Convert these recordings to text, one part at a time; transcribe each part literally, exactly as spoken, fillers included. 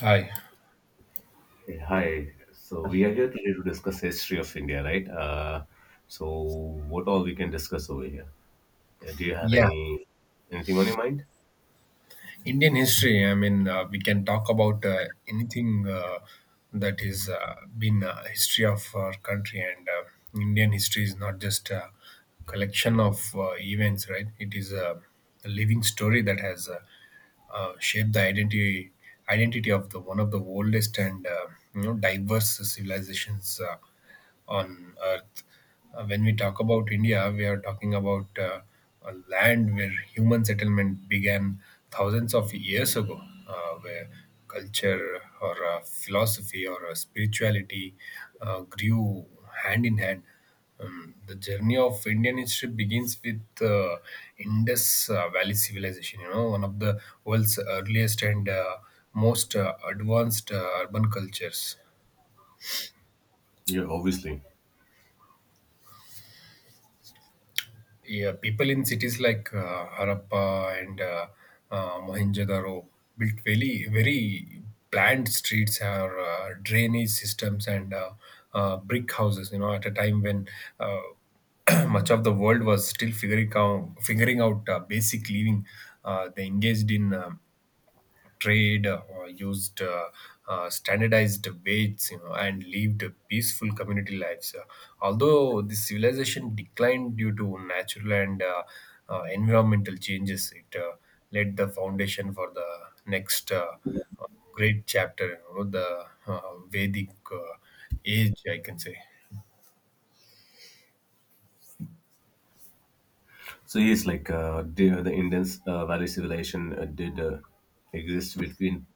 Hi. Hey, hi. So we are here today to discuss history of India, right? Uh, so what all we can discuss over here? Uh, do you have Yeah, any anything on your mind? Indian history. I mean, uh, we can talk about uh, anything uh, that is uh, been uh, history of our country, and uh, Indian history is not just a collection of uh, events, right? It is a, a living story that has uh, uh, shaped the identity identity of the one of the oldest and uh, you know diverse civilizations Uh, on earth. Uh, when we talk about India, we are talking about uh, a land where human settlement began thousands of years ago, uh, where culture or uh, philosophy or uh, spirituality uh, grew hand in hand. Um, the journey of Indian history begins with uh, Indus uh, Valley civilization. You know, one of the world's earliest and uh, most uh, advanced uh, urban cultures. Yeah, obviously. Yeah, people in cities like uh, Harappa and uh, uh, Mohenjo-daro built very, very planned streets or uh, drainage systems and uh, uh, brick houses. You know, at a time when uh, much of the world was still figuring out, figuring out uh, basic living, uh, they engaged in um trade uh, or used uh, uh, standardized weights, you know, and lived peaceful community lives. Uh, although the civilization declined due to natural and uh, uh, environmental changes, it uh, laid the foundation for the next uh, uh, great chapter, you know, the uh, vedic uh, age, I can say. So yes, like uh, the, the Indus uh, Valley civilization uh, did uh, exist between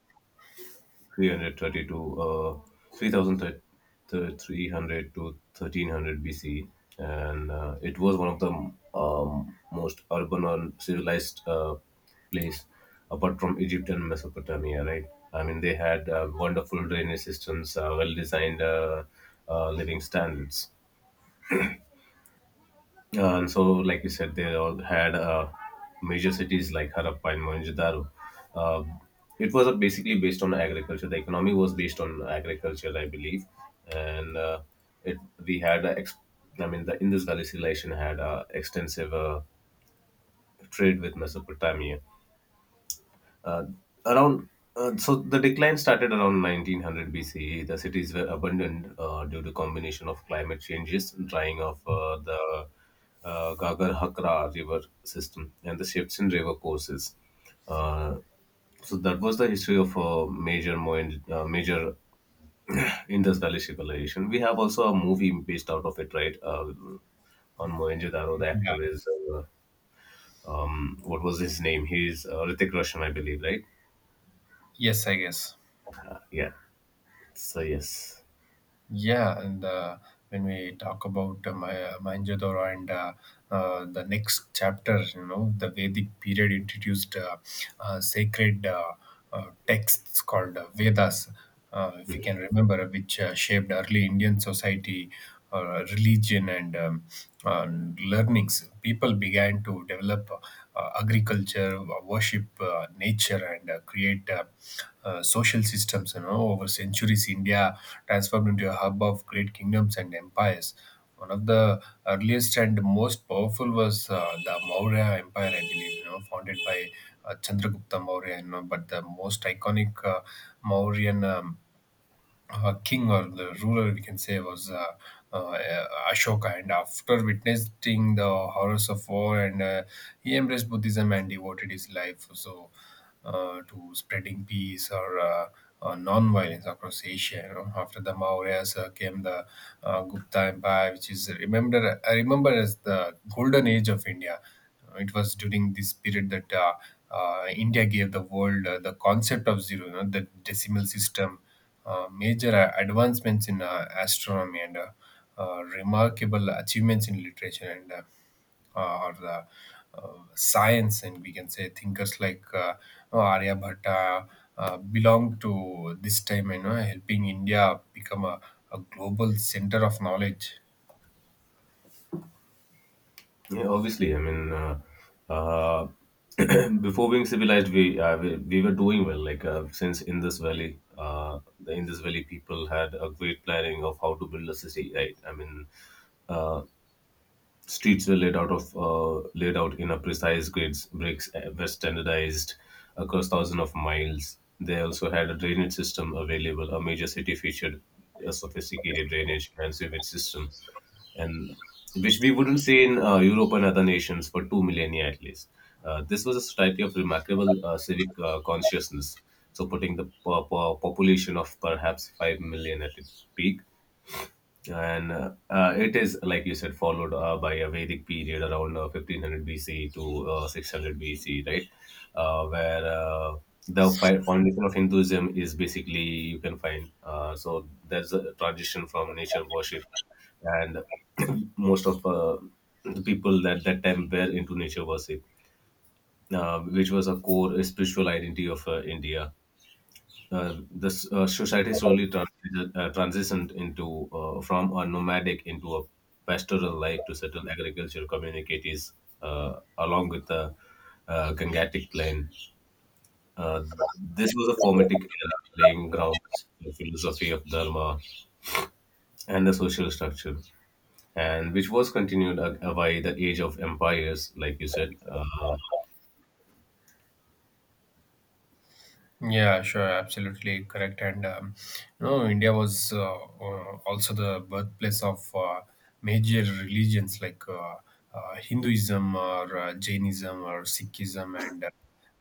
three thirty-two, uh, three thousand three hundred to thirteen hundred B C, and uh, it was one of the um, most urban or civilized uh, place apart from Egypt and Mesopotamia, right? I mean, they had uh, wonderful drainage systems, uh, well designed uh, uh, living standards. Uh, and so, like you said, they all had uh, major cities like Harappa and Mohenjo-daro. Uh, it was uh, basically based on agriculture. The economy was based on agriculture, I believe, and uh, it we had uh, ex- I mean, the Indus Valley civilization had uh, extensive uh, trade with Mesopotamia, uh, around uh, so the decline started around nineteen hundred B C E. The cities were abandoned uh, due to combination of climate changes, drying of uh, the uh, Gagar Hakra river system, and the shifts in river courses. Uh, so that was the history of a major moin- uh, major industrial civilization. We have also a movie based out of it, right? Uh, on Mohenjo-daro, the Yeah. actor is uh, um, what was his name? He's uh, Ritik Roshan, I believe, right? Yes, I guess. Yeah. So yes, Yeah, and uh, when we talk about uh, Ma- uh, Mohenjo-daro and uh, uh, the next chapter, you know, the Vedic period introduced uh, uh, sacred uh, uh, texts called uh, Vedas, uh, if you can remember, which uh, shaped early Indian society, uh, religion and um, uh, learnings. People began to develop uh, agriculture, uh, worship uh, nature, and uh, create uh, uh, social systems. You know, over centuries, India transformed into a hub of great kingdoms and empires. One of the earliest and most powerful was uh, the Maurya Empire, I believe. You know, founded by uh, Chandragupta Maurya. You know, but the most iconic uh, Mauryan Um, uh, king or the ruler, we can say, was uh, uh, Ashoka. And after witnessing the horrors of war, and uh, he embraced Buddhism and devoted his life so uh, to spreading peace or uh, uh, non-violence across Asia. You know, after the Mauryas uh, came the uh, Gupta Empire, which is remembered, I remember, as the golden age of India. Uh, It was during this period that uh, uh, India gave the world uh, the concept of zero, you know, the decimal system, uh, major a- advancements in uh, astronomy and uh, uh, remarkable achievements in literature and uh, uh, or the uh, science, and we can say thinkers like uh, Aryabhatta uh, uh, belong to this time, you know, helping India become a, a global center of knowledge. yeah, obviously. I mean, uh, uh, before being civilized, we, uh, we we were doing well. Like uh, since in this valley, uh, the Indus Valley people had a great planning of how to build a city. Right? I mean, uh, Streets were laid out of uh, laid out in a precise grids. Bricks uh, were standardized across thousands of miles. They also had a drainage system available. A major city featured a sophisticated drainage and sewage system, and which we wouldn't see in uh, Europe and other nations for two millennia at least. Uh, this was a society of remarkable uh, civic uh, consciousness, so putting the po- po- population of perhaps five million at its peak and uh, uh, it is like you said followed uh, by a vedic period around uh, fifteen hundred bc to uh, six hundred bc, right? uh, where uh, the fi- Foundation of hinduism is basically you can find uh, so there's a transition from nature worship and most of uh, the people that that time were into nature worship, uh, which was a core spiritual identity of uh, india. Uh, this uh, society slowly transi- uh, transitioned into uh, from a nomadic into a pastoral life to settle agricultural communities uh, along with the uh, Gangatic plain. Uh, this was a formative era, laying grounds for philosophy of Dharma and the social structure, and which was continued uh, by the age of empires, like you said. Uh, Yeah, sure, absolutely correct. And um, you know, India was uh, uh, also the birthplace of uh, major religions like uh, uh, Hinduism or uh, Jainism or Sikhism, and uh,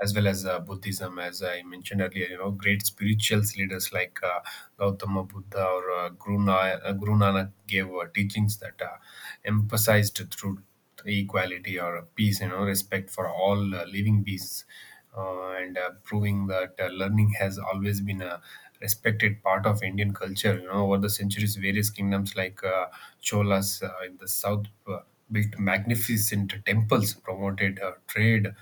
as well as uh, Buddhism, as I mentioned earlier. You know, great spiritual leaders like uh, Gautama Buddha or uh, Guru, Na- uh, Guru Nanak gave uh, teachings that uh, emphasized truth, equality or peace, you know, respect for all uh, living beings, uh, and uh, proving that uh, learning has always been a respected part of Indian culture. You know, over the centuries, various kingdoms like uh, Cholas uh, in the south uh, built magnificent temples, promoted uh, trade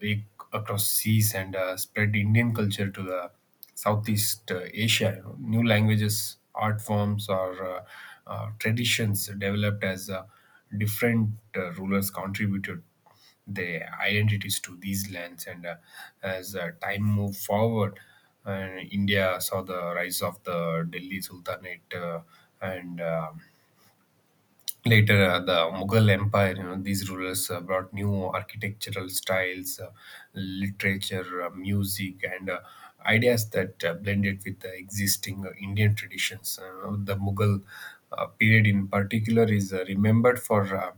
ac- across seas, and uh, spread Indian culture to the Southeast uh, Asia. New languages, art forms, or uh, uh, traditions developed as uh, different uh, rulers contributed their identities to these lands. And uh, as uh, time moved forward, uh, India saw the rise of the Delhi Sultanate uh, and uh, later, uh, the Mughal Empire. You know, these rulers uh, brought new architectural styles, uh, literature, uh, music, and uh, ideas that uh, blended with the existing uh, Indian traditions. Uh, the Mughal uh, period, in particular, is uh, remembered for uh,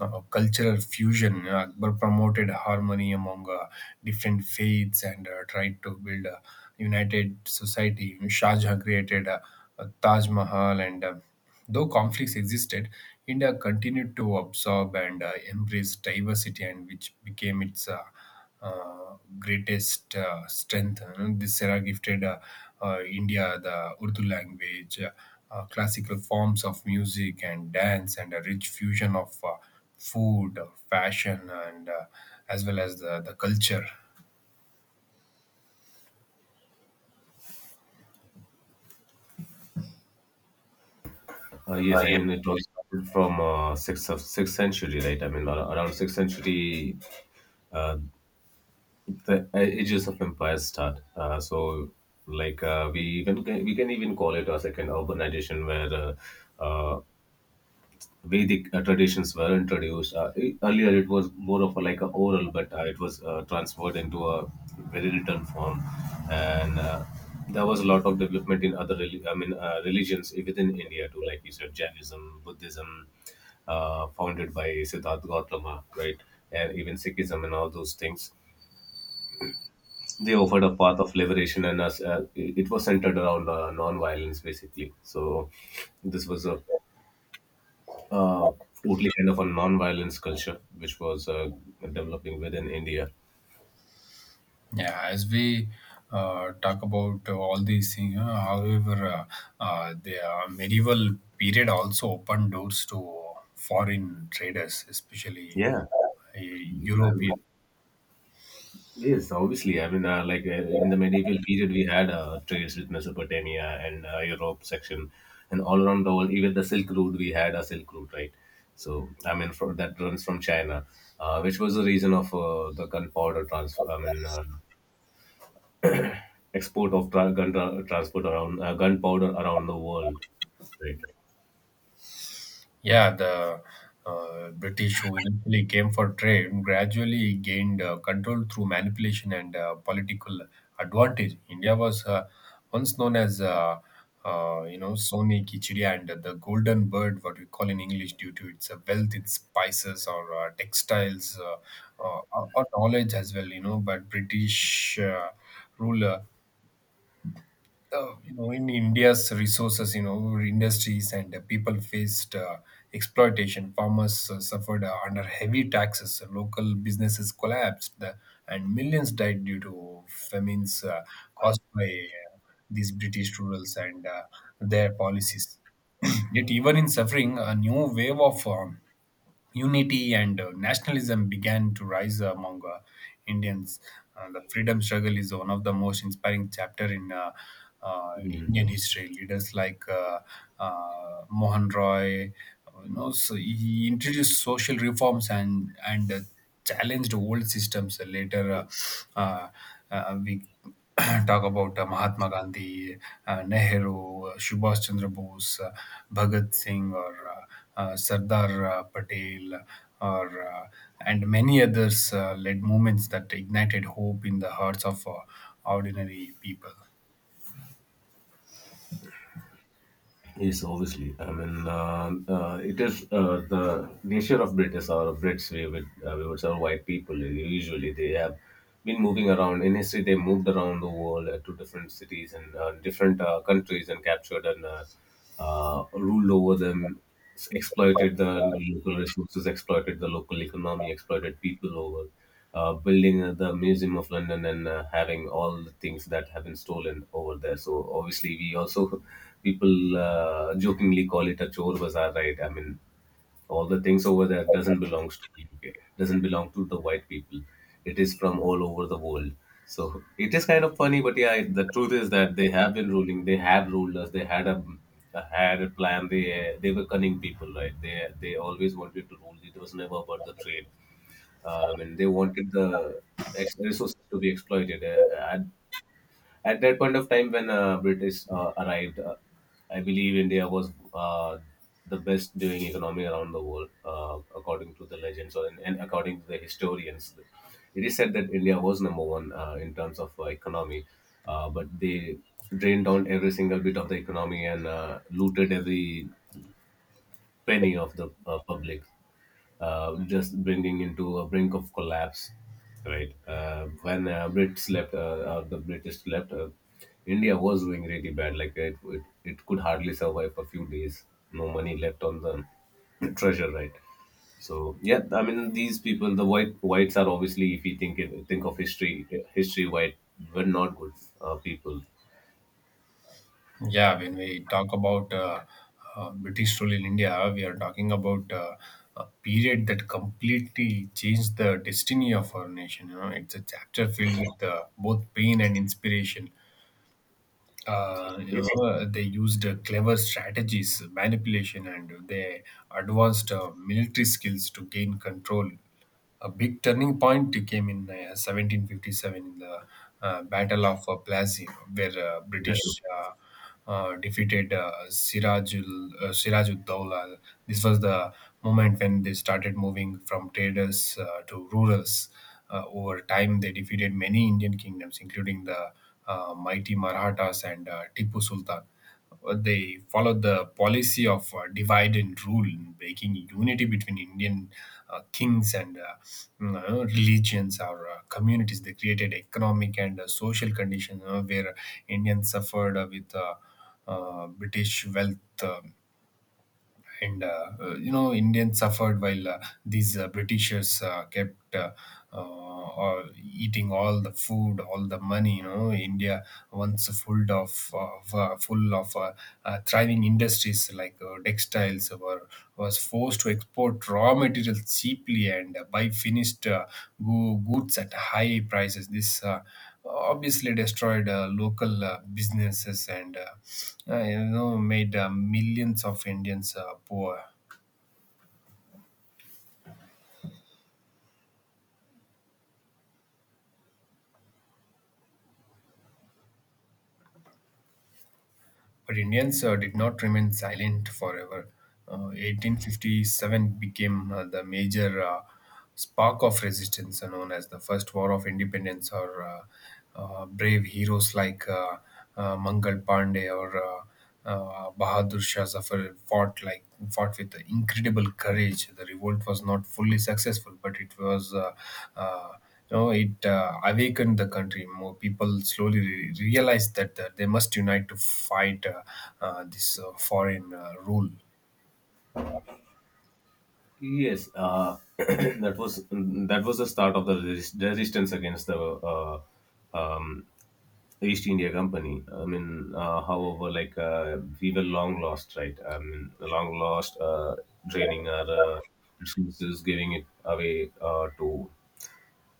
uh, cultural fusion. Uh, Akbar promoted harmony among uh, different faiths and uh, tried to build a united society. Shah Jahan created uh, uh, Taj Mahal, and uh, though conflicts existed, India continued to absorb and uh, embrace diversity, and which became its uh, uh, greatest uh, strength. And this era gifted uh, uh, India the Urdu language, uh, uh, classical forms of music and dance, and a rich fusion of uh, food, uh, fashion, and uh, as well as the, the culture. Uh, Uh, yes, I Yeah. mean it was started from uh, sixth of- sixth century, right? I mean ar- around sixth century. Uh, the ages of empires start. Uh, so, like uh, we even can, we can even call it as like an urbanization where uh, uh, Vedic uh, traditions were introduced. Uh, e- earlier, it was more of a, like a oral, but uh, it was uh, transferred into a very written form, and uh, there was a lot of development in other reli- I mean uh, religions within India too, like you said, Jainism, Buddhism, uh, founded by Siddharth Gautama, right? And even Sikhism and all those things, they offered a path of liberation and us uh, it it was centered around uh, non-violence basically. So this was a uh, totally kind of a non-violence culture which was uh, developing within india. Yeah, as we uh, talk about uh, all these things, uh, however, uh, uh, the uh, medieval period also opened doors to foreign traders, especially Yeah, uh, I European. mean, yes obviously. I mean uh, like uh, in the medieval period we had uh, trades with mesopotamia and uh, europe section and all around the world, even the silk route. We had a silk route, right? So i mean from that runs from china, uh, which was the reason of uh, the gunpowder transfer. I mean uh, export of tra- gun tra- transport around uh, gunpowder around the world. Right. Yeah, the uh, British, who initially came for trade, gradually gained uh, control through manipulation and uh, political advantage. India was uh, once known as, uh, uh, you know, Sone Kichdi and the Golden Bird, what we call in English, due to its uh, wealth in spices or uh, textiles uh, uh, or or knowledge as well, you know. But British uh, rule uh, uh, you know, in India's resources, you know, industries and uh, people faced uh, exploitation. Farmers uh, suffered uh, under heavy taxes. Local businesses collapsed, uh, and millions died due to famines uh, caused by uh, these British rulers and uh, their policies. Yet, even in suffering, a new wave of um, unity and uh, nationalism began to rise among uh, Indians. Uh, the freedom struggle is one of the most inspiring chapter in uh, uh, Mm. Indian history. Leaders like uh, uh, Mohan Roy, you know, so he introduced social reforms and and uh, challenged old systems. Later, uh, uh, uh, we talk about uh, Mahatma Gandhi, uh, Nehru, uh, Subhash Chandra Bose, uh, Bhagat Singh, or uh, uh, Sardar uh, Patel, or uh, and many others uh, led movements that ignited hope in the hearts of uh, ordinary people. Yes, obviously. I mean, uh, uh, it is uh, the nature of British or Brits. We would uh, we would say white people. Usually, they have been moving around. In history, they moved around the world uh, to different cities and uh, different uh, countries and captured and uh, uh, ruled over them, exploited the local resources, exploited the local economy, exploited people over uh, building uh, the Museum of London and uh, having all the things that have been stolen over there. So obviously, we also people uh, jokingly call it a chore bazaar, right? I mean, all the things over there doesn't belong to the U K, doesn't belong to the white people. It is from all over the world. So it is kind of funny, but yeah, it- the truth is that they have been ruling. They have ruled us. They had a, had a plan. They they were cunning people, right? They they always wanted to rule. It was never about the trade. Um, and they wanted the ex- resources to be exploited. Uh, at that point of time, when uh, British uh, arrived, uh, I believe India was uh, the best doing economy around the world, uh, according to the legends or, and according to the historians. It is said that India was number one uh, in terms of uh, economy, uh, but they drained down every single bit of the economy and uh, looted every penny of the uh, public, uh, just bringing into a brink of collapse, right? Uh, when uh, Brits left, uh, or the British left, uh, India was doing really bad. Like it, it, it could hardly survive a few days. No money left on the treasure, right? So yeah, I mean these people, the white whites are obviously, if you think it, think of history, history white were not good uh, people. Yeah, when we talk about uh, uh, British rule in India, we are talking about uh, a period that completely changed the destiny of our nation. You know, it's a chapter filled with uh, both pain and inspiration. Uh, you know, Yes, sir. uh, they used uh, clever strategies, manipulation, and they advanced uh, military skills to gain control. A big turning point came in uh, seventeen fifty-seven in the uh, Battle of uh, Plassey, where uh, British That's okay. uh, uh, defeated uh, Sirajul uh, Sirajuddaula. This was the moment when they started moving from traders uh, to rurals. Uh, over time, they defeated many Indian kingdoms, including the uh, mighty Marathas and uh, Tipu Sultan. Uh, they followed the policy of uh, divide and rule, breaking unity between Indian uh, kings and uh, you know, religions or uh, communities. They created economic and uh, social conditions, you know, where Indians suffered uh, with uh, uh, British wealth. Uh, and uh, uh, you know, Indians suffered while uh, these uh, Britishers uh, kept uh, uh, all- eating all the food, all the money. You know, India once full of, of uh, full of uh, uh, thriving industries like uh, textiles, or were was forced to export raw materials cheaply and uh, buy finished uh, go- goods at high prices. This uh, obviously destroyed uh, local uh, businesses and uh, uh, you know, made uh, millions of Indians uh, poor. But Indians uh, did not remain silent forever. Uh, eighteen fifty-seven became uh, the major uh, spark of resistance, uh, known as the First War of Independence, or uh, uh, brave heroes like uh, uh, Mangal Pandey or uh, uh, Bahadur Shah Zafar fought like fought with incredible courage. The revolt was not fully successful, but it was. Uh, uh, you know, it uh, awakened the country. More people slowly re- realized that uh, they must unite to fight uh, uh, this uh, foreign uh, rule. Yes, uh, that was that was the start of the resist- resistance against the uh, um, East India Company. I mean, uh, however, like uh, we were long lost, right? I mean, long lost, uh, draining our uh, resources, giving it away uh, to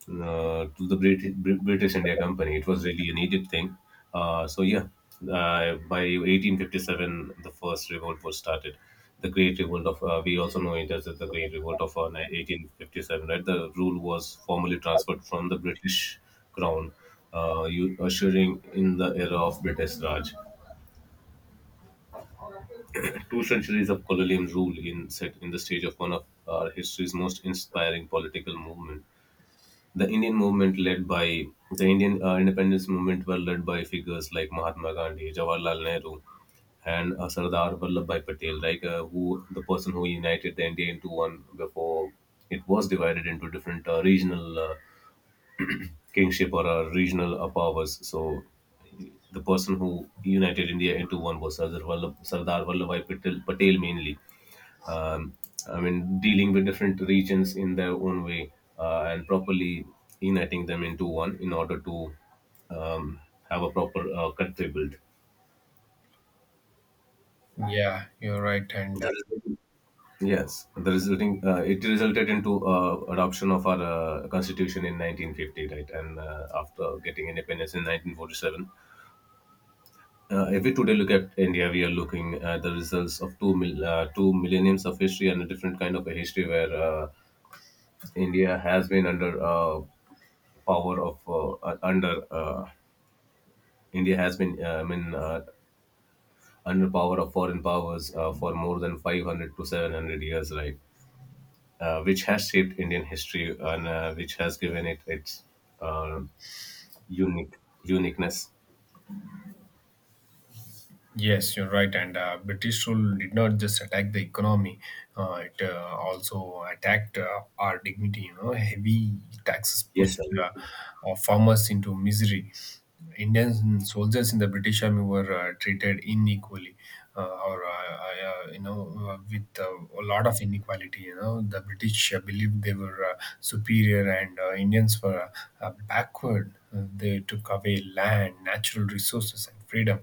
uh, to the British, British India Company. It was really an Egypt thing. Uh, so yeah, uh, by eighteen fifty-seven, the first revolt was started. The Great Revolt of uh, we also know it as the Great Revolt of uh, eighteen fifty-seven. Right, the rule was formally transferred from the British Crown. Uh, you ushering in the era of British Raj. Two centuries of colonial rule in set in the stage of one of our history's most inspiring political movement. The Indian movement led by the Indian uh, independence movement were led by figures like Mahatma Gandhi, Jawaharlal Nehru, and uh, Sardar Vallabhbhai Patel, like uh, who the person who united the India into one before it was divided into different uh, regional uh, kingship or uh, regional uh, powers. So the person who united India into one was Sardar Vallabh- Sardar Vallabhbhai Patel, Patel mainly, um, I mean, dealing with different regions in their own way uh, and properly uniting them into one in order to um, have a proper uh, country build. Yeah, you're right, and uh, The result- Yes, the resulting uh, it resulted into uh, adoption of our uh, constitution in nineteen fifty, right? And uh, after getting independence in nineteen forty-seven, uh, if we today look at India, we are looking at the results of two mil- uh, two millenniums of history and a different kind of a history where uh, India has been under uh, power of uh, uh, under uh, India has been uh, I mean uh, under power of foreign powers uh, for more than five hundred to seven hundred years, right? Uh, which has shaped Indian history and uh, which has given it its uh, unique uniqueness. Yes, you're right. And uh, British rule did not just attack the economy; uh, it uh, also attacked uh, our dignity. You know, heavy taxes Yes, pushed sir. uh, uh, farmers into misery. Indian soldiers in the British army were uh, treated unequally, uh, or uh, uh, you know, uh, with uh, a lot of inequality. You know, the British uh, believed they were uh, superior, and uh, Indians were uh, uh, backward. Uh, they took away land, natural resources, and freedom.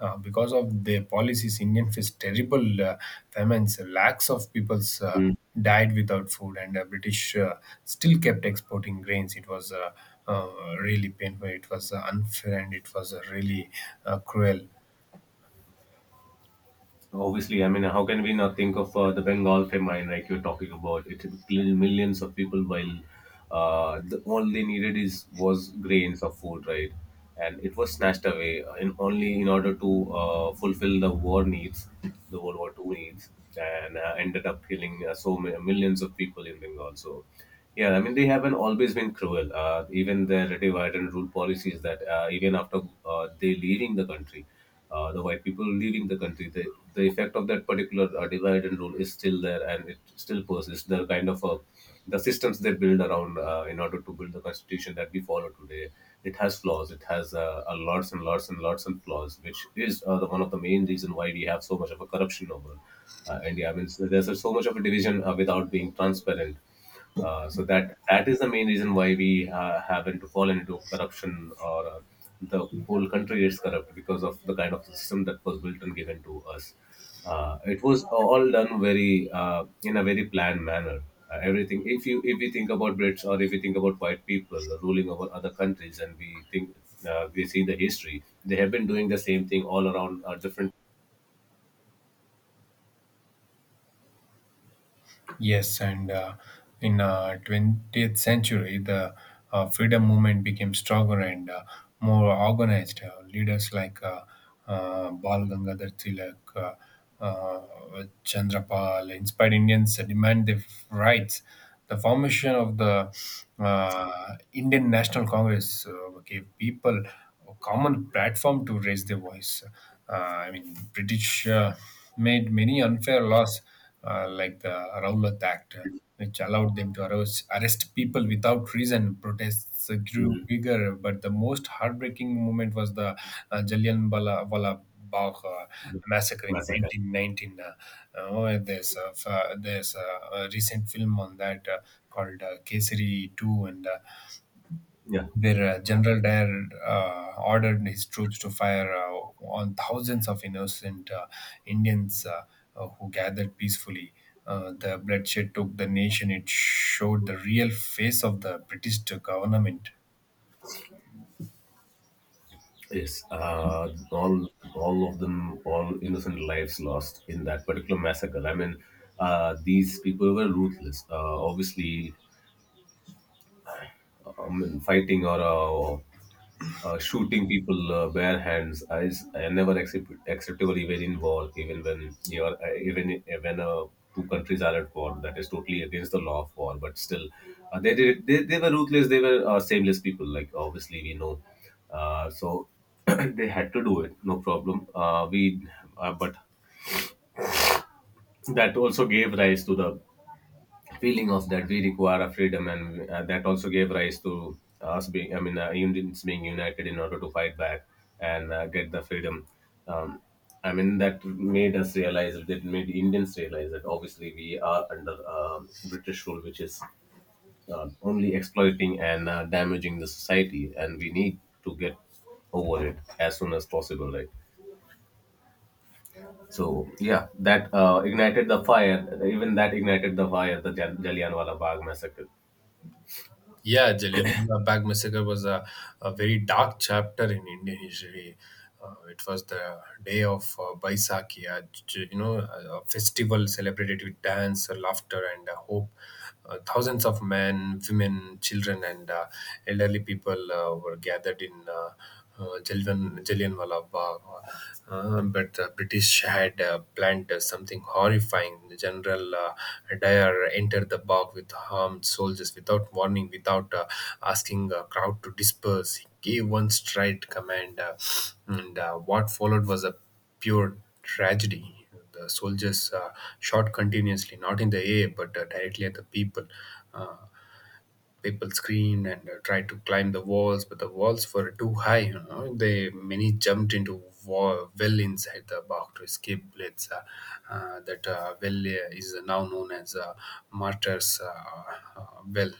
Uh, because of their policies, Indian faced terrible uh, famines. Lakhs of peoples uh, Mm. died without food, and uh, British uh, still kept exporting grains. It was uh, uh, really painful. It was uh, unfair, and it was uh, really uh, cruel. Obviously, I mean, how can we not think of uh, the Bengal famine, like you're talking about? It killed millions of people while uh, the, all they needed is was grains of food, right? And it was snatched away in only in order to uh, fulfill the war needs, the World War Two needs, and uh, ended up killing uh, so many, millions of people in Bengal. So, yeah, I mean, they haven't always been cruel. Uh, even their divide and rule policies that uh, even after uh, they leaving the country, uh, the white people leaving the country, the, the effect of that particular uh, divide and rule is still still there and it still persists. The kind of uh, the systems they build around uh, in order to build the constitution that we follow today, it has flaws. It has uh, a lots and lots and lots and flaws, which is uh, the one of the main reason why we have so much of a corruption over uh, India. I mean, so there's so much of a division uh, without being transparent. Uh, so that that is the main reason why we uh, happen to fall into corruption or uh, the whole country is corrupt because of the kind of system that was built and given to us. Uh, it was all done very uh, in a very planned manner. Uh, everything. If you if we think about Brits, or if we think about white people ruling over other countries, and we think uh, we see the history, they have been doing the same thing all around uh, different. Yes, and uh, in uh, twentieth century, the uh, freedom movement became stronger and uh, more organized. Uh, leaders like uh, uh, Bal Gangadhar Tilak, uh, uh, Chandrapal inspired Indians to demand their rights. The formation of the uh, Indian National Congress uh, gave people a common platform to raise their voice. Uh, I mean, British uh, made many unfair laws uh, like the Rowlatt Act, uh, which allowed them to arrest, arrest people without reason. Protests uh, grew Mhm. bigger, but the most heartbreaking moment was the uh, Jallianwala Bagh uh, massacre in Massacre. nineteen nineteen. Uh, oh, there's a, f- uh, there's a, a recent film on that uh, called uh, Kesari two, and uh, Yeah. where uh, General Dyer uh, ordered his troops to fire uh, on thousands of innocent uh, Indians uh, uh, who gathered peacefully. Uh, the bloodshed took the nation. It showed the real face of the British government. Yes, uh, all all of them, all innocent lives lost in that particular massacre. I mean, uh, these people were ruthless. Uh, obviously, um, in fighting or uh, uh, shooting people uh, bare hands is uh, never accept- acceptable even in war, even when you are uh, even i- when uh, two countries are at war. That is totally against the law of war, but still uh, they, did they they were ruthless. They were uh, shameless people, like obviously we know uh, So they had to do it, no problem uh, we uh, But that also gave rise to the feeling of that we require a freedom, and uh, that also gave rise to us being, i mean uh, Indians being united in order to fight back and uh, get the freedom. um, I mean, that made us realize, that made Indians realize that obviously we are under um British rule, which is uh, only exploiting and uh, damaging the society, and we need to get over it as soon as possible, right? So yeah, that uh, ignited the fire. Even that ignited the fire, the Jal- jallianwala Bagh massacre. Yeah, Jallianwala Bagh massacre was a, a very dark chapter in Indian history. Uh, it was the day of uh, Baisakhi, a, j- you know, a a festival celebrated with dance, laughter, and uh, hope. Uh, thousands of men, women, children, and uh, elderly people uh, were gathered in. Uh, uh, Jalwan, Jallianwala Bagh. Uh, uh, but the British had uh, planned uh, something horrifying. General uh, Dyer entered the bog with armed soldiers without warning, without uh, asking a crowd to disperse. He gave one straight command, uh, and uh, what followed was a pure tragedy. The soldiers uh, shot continuously, not in the air, but uh, directly at the people. Uh, People screamed and uh, tried to climb the walls, but the walls were too high. You know, they many jumped into wall, well inside the box to escape bullets. Uh, uh, that uh, well uh, is now known as uh, Martyrs uh, uh, Well.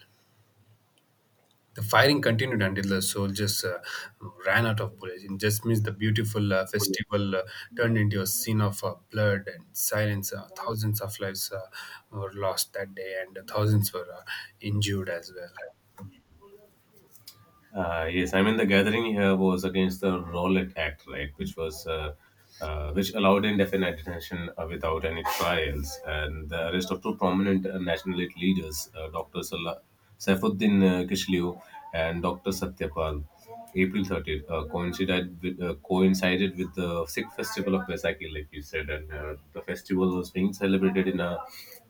The firing continued until the soldiers uh, ran out of bullets. In just means the beautiful uh, festival uh, turned into a scene of uh, blood and silence. Uh, thousands of lives uh, were lost that day, and thousands were uh, injured as well. Uh, yes, I mean, the gathering here was against the Rowlatt Act, right, which was uh, uh, which allowed indefinite detention uh, without any trials, and the arrest of two prominent uh, nationalist leaders, uh, Doctor Sala- Saifuddin uh, Kishliu and Doctor Satyapal. April thirtieth uh, coincided with, uh, coincided with the Sikh festival of Baisakhi, like you said, and uh, the festival was being celebrated in a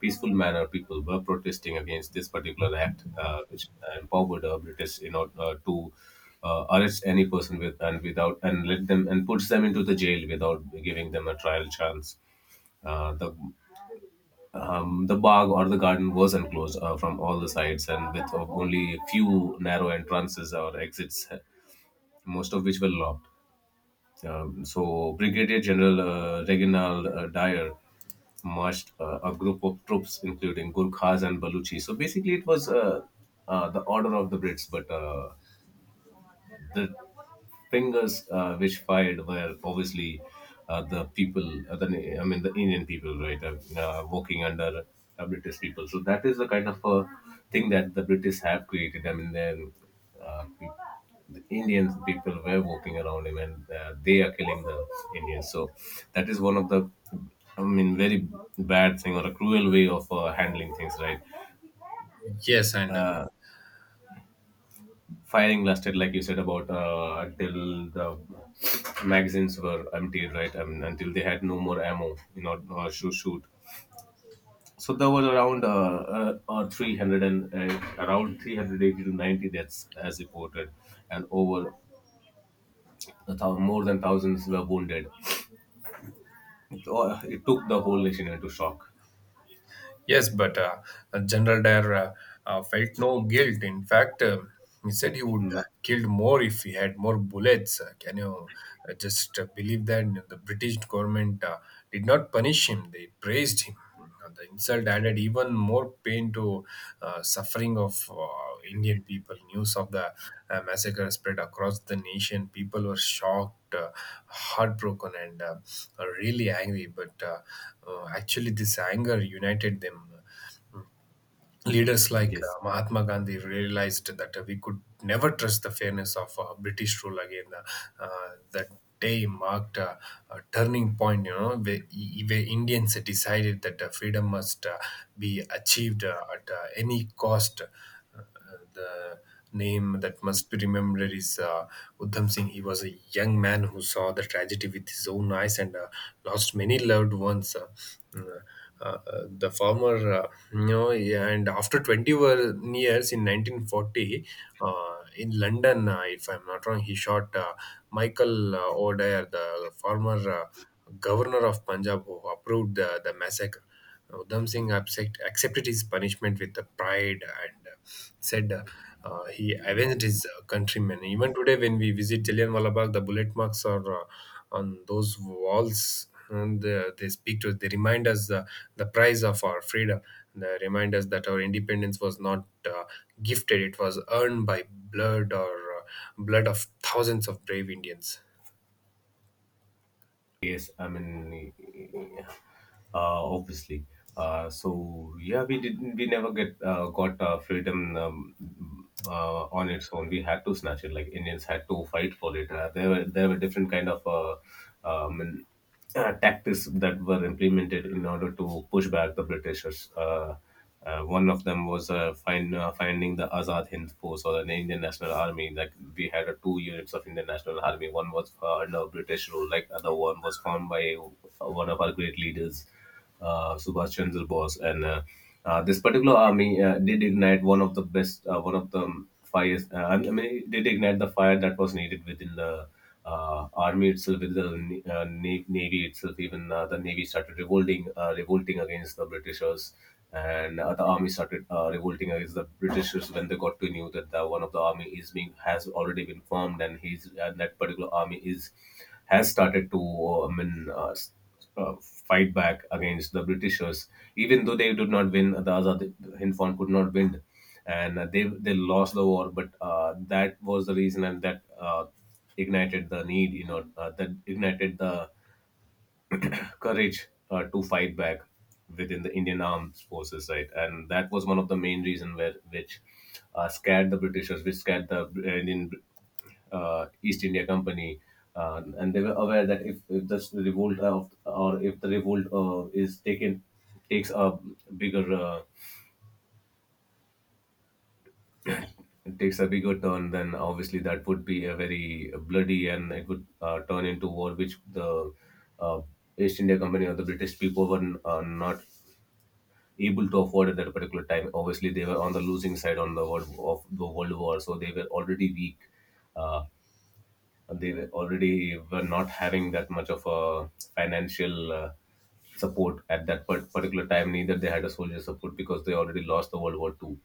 peaceful manner. People were protesting against this particular act, uh, which empowered uh, British, you know, uh, to uh, arrest any person with and without, and let them and puts them into the jail without giving them a trial chance. Uh, the um, the bog or the garden was enclosed uh, from all the sides and with only a few narrow entrances or exits, most of which were lobbed. Um, so Brigadier General uh, Reginald uh, Dyer marched uh, a group of troops, including Gurkhas and Baluchi. So basically, it was uh, uh, the order of the Brits, but uh, the fingers uh, which fired were obviously uh, the people, uh, the, I mean, the Indian people, right, uh, uh, working under uh, British people. So that is the kind of uh, thing that the British have created. I mean, then uh, pe- the Indian people were walking around him, and uh, they are killing the Indians. So that is one of the, I mean, very bad thing or a cruel way of uh, handling things, right? Yes, and uh, Uh, Firing lasted, like you said, about uh, until the magazines were emptied, right? I mean, until they had no more ammo You know, uh, to shoot. So there was around uh, uh, uh, three hundred and uh, around three hundred eighty to ninety deaths as reported, and over a thou- more than thousands were wounded. It, uh, it took the whole nation into shock. Yes, but uh, General Dare uh, uh, felt no guilt. In fact, uh, he said he would Na- have killed more if he had more bullets. Uh, can you uh, just uh, believe that? You know, the British government uh, did not punish him? They praised him. Uh, The insult added even more pain to uh, suffering of uh, Indian people. News of the uh, massacre spread across the nation. People were shocked, uh, heartbroken, and uh, really angry. But uh, uh, Actually, this anger united them. Leaders like yes. uh, Mahatma Gandhi realized that uh, we could never trust the fairness of uh, British rule again. Uh, uh, that day marked uh, a turning point, you know, where, where Indians decided that uh, freedom must uh, be achieved uh, at uh, any cost. The name that must be remembered is uh, Udham Singh. He was a young man who saw the tragedy with his own eyes and uh, lost many loved ones. Uh, mm, uh, uh, the former, uh, you know, yeah, and after twenty were- years in nineteen forty uh, in London, uh, if I'm not wrong, he shot uh, Michael uh, O'Dare, the former uh, governor of Punjab, who approved the, the massacre. Uh, Udham Singh accept, accepted his punishment with the pride and uh, said uh, uh, he avenged his uh, countrymen. Even today, when we visit Jallianwala Bagh, the bullet marks are uh, on those walls. And uh, they speak to us. They remind us uh, the price of our freedom. They remind us that our independence was not uh, gifted; it was earned by blood or uh, blood of thousands of brave Indians. Yes, I mean, uh, obviously. Uh, so yeah, we didn't. We never get uh, got uh, freedom um, uh, on its own. We had to snatch it. Like Indians had to fight for it. Uh, there were there were different kind of uh, um, uh, tactics that were implemented in order to push back the Britishers. Uh, uh, one of them was uh, find, uh, finding the Azad Hind Force or the Indian National Army. Like we had uh, two units of Indian National Army. One was uh, under British rule, like other one was formed by one of our great leaders uh, Subhash Chandra Bose, and uh, uh, this particular army uh, did ignite one of the best, uh, one of the um, fires. Uh, I mean, it did ignite the fire that was needed within the uh, army itself, within the uh, na- navy itself. Even uh, the navy started revolting, uh, revolting against the Britishers, and uh, the army started uh, revolting against the Britishers when they got to knew that the, one of the army is being has already been formed, and he's and that particular army is has started to uh, I mean. Uh, uh, fight back against the Britishers, even though they did not win. The Azad Hind Fort could not win, and uh, they they lost the war. But uh, that was the reason, and that uh, ignited the need. You know, uh, that ignited the courage uh, to fight back within the Indian armed forces, right? And that was one of the main reason where which uh, scared the Britishers, which scared the uh, Indian uh, East India Company, uh, and they were aware that if, if this revolt of, or if the revolt uh, is taken takes a bigger uh, it takes a bigger turn, then obviously that would be a very bloody and it would uh, turn into war, which the uh, East India Company or the British people were uh, not able to afford at that particular time. Obviously, they were on the losing side on the world of the World War, so they were already weak. Uh, they were already were not having that much of a financial uh, support at that par- particular time. Neither they had a soldier support because they already lost the World War Two.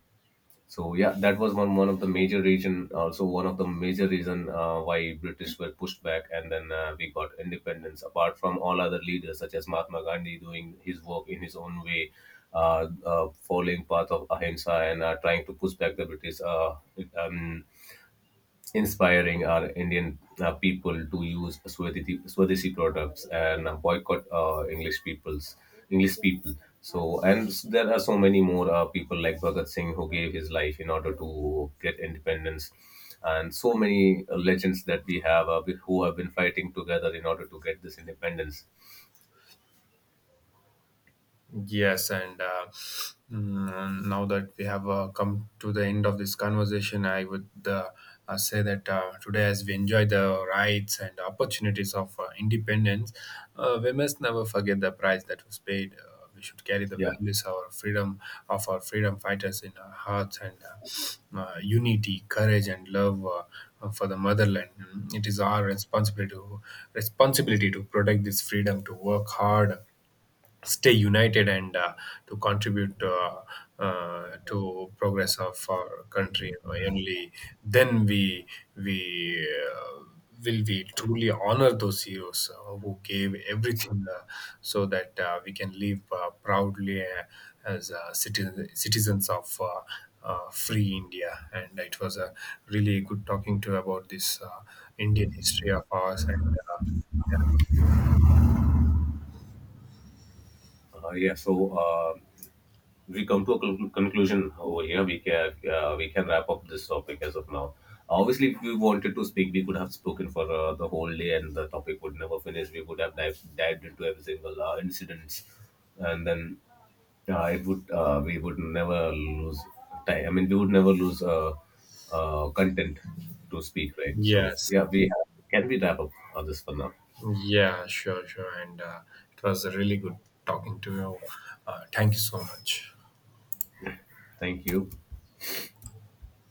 So yeah, that was one one of the major reason, also one of the major reason uh, why British were pushed back, and then uh, we got independence. Apart from all other leaders such as Mahatma Gandhi doing his work in his own way, uh, uh, following path of ahimsa and uh, trying to push back the British uh, um, inspiring our Indian uh, people to use Swadeshi, Swadeshi products and uh, boycott uh, English people's English people. So, and s- there are so many more uh, people like Bhagat Singh who gave his life in order to get independence, and so many uh, legends that we have uh, who have been fighting together in order to get this independence. Yes, and uh, mm, Now that we have uh, come to the end of this conversation, I would uh, uh, say that uh, today, as we enjoy the rights and opportunities of uh, independence, uh, we must never forget the price that was paid. Uh, we should carry the Yeah, values of our freedom of our freedom fighters in our hearts and uh, uh, unity, courage, and love uh, uh, for the motherland. Mm, It is our responsibility to, responsibility to protect this freedom, to work hard, stay united, and uh, to contribute uh, uh, to progress of our country. Only then we we uh, will we truly honor those heroes uh, who gave everything uh, so that uh, we can live uh, proudly uh, as uh, citizen, citizens of uh, uh, free India. And it was a really good talking to you about this uh, Indian history of ours. and uh, uh, yeah. So. Uh, we come to a con- conclusion over here. We can uh, we can wrap up this topic as of now. Obviously, if we wanted to speak, we could have spoken for uh, the whole day, and the topic would never finish. We would have dived, dived into every single uh, incidents, and then uh, it would uh, we would never lose time. I mean, we would never lose uh, uh, content to speak, right? yeah. So yes yeah, we have, can we wrap up on this for now. Yeah, sure, sure. And uh, it was really good talking to you. Uh, thank you so much. Thank you.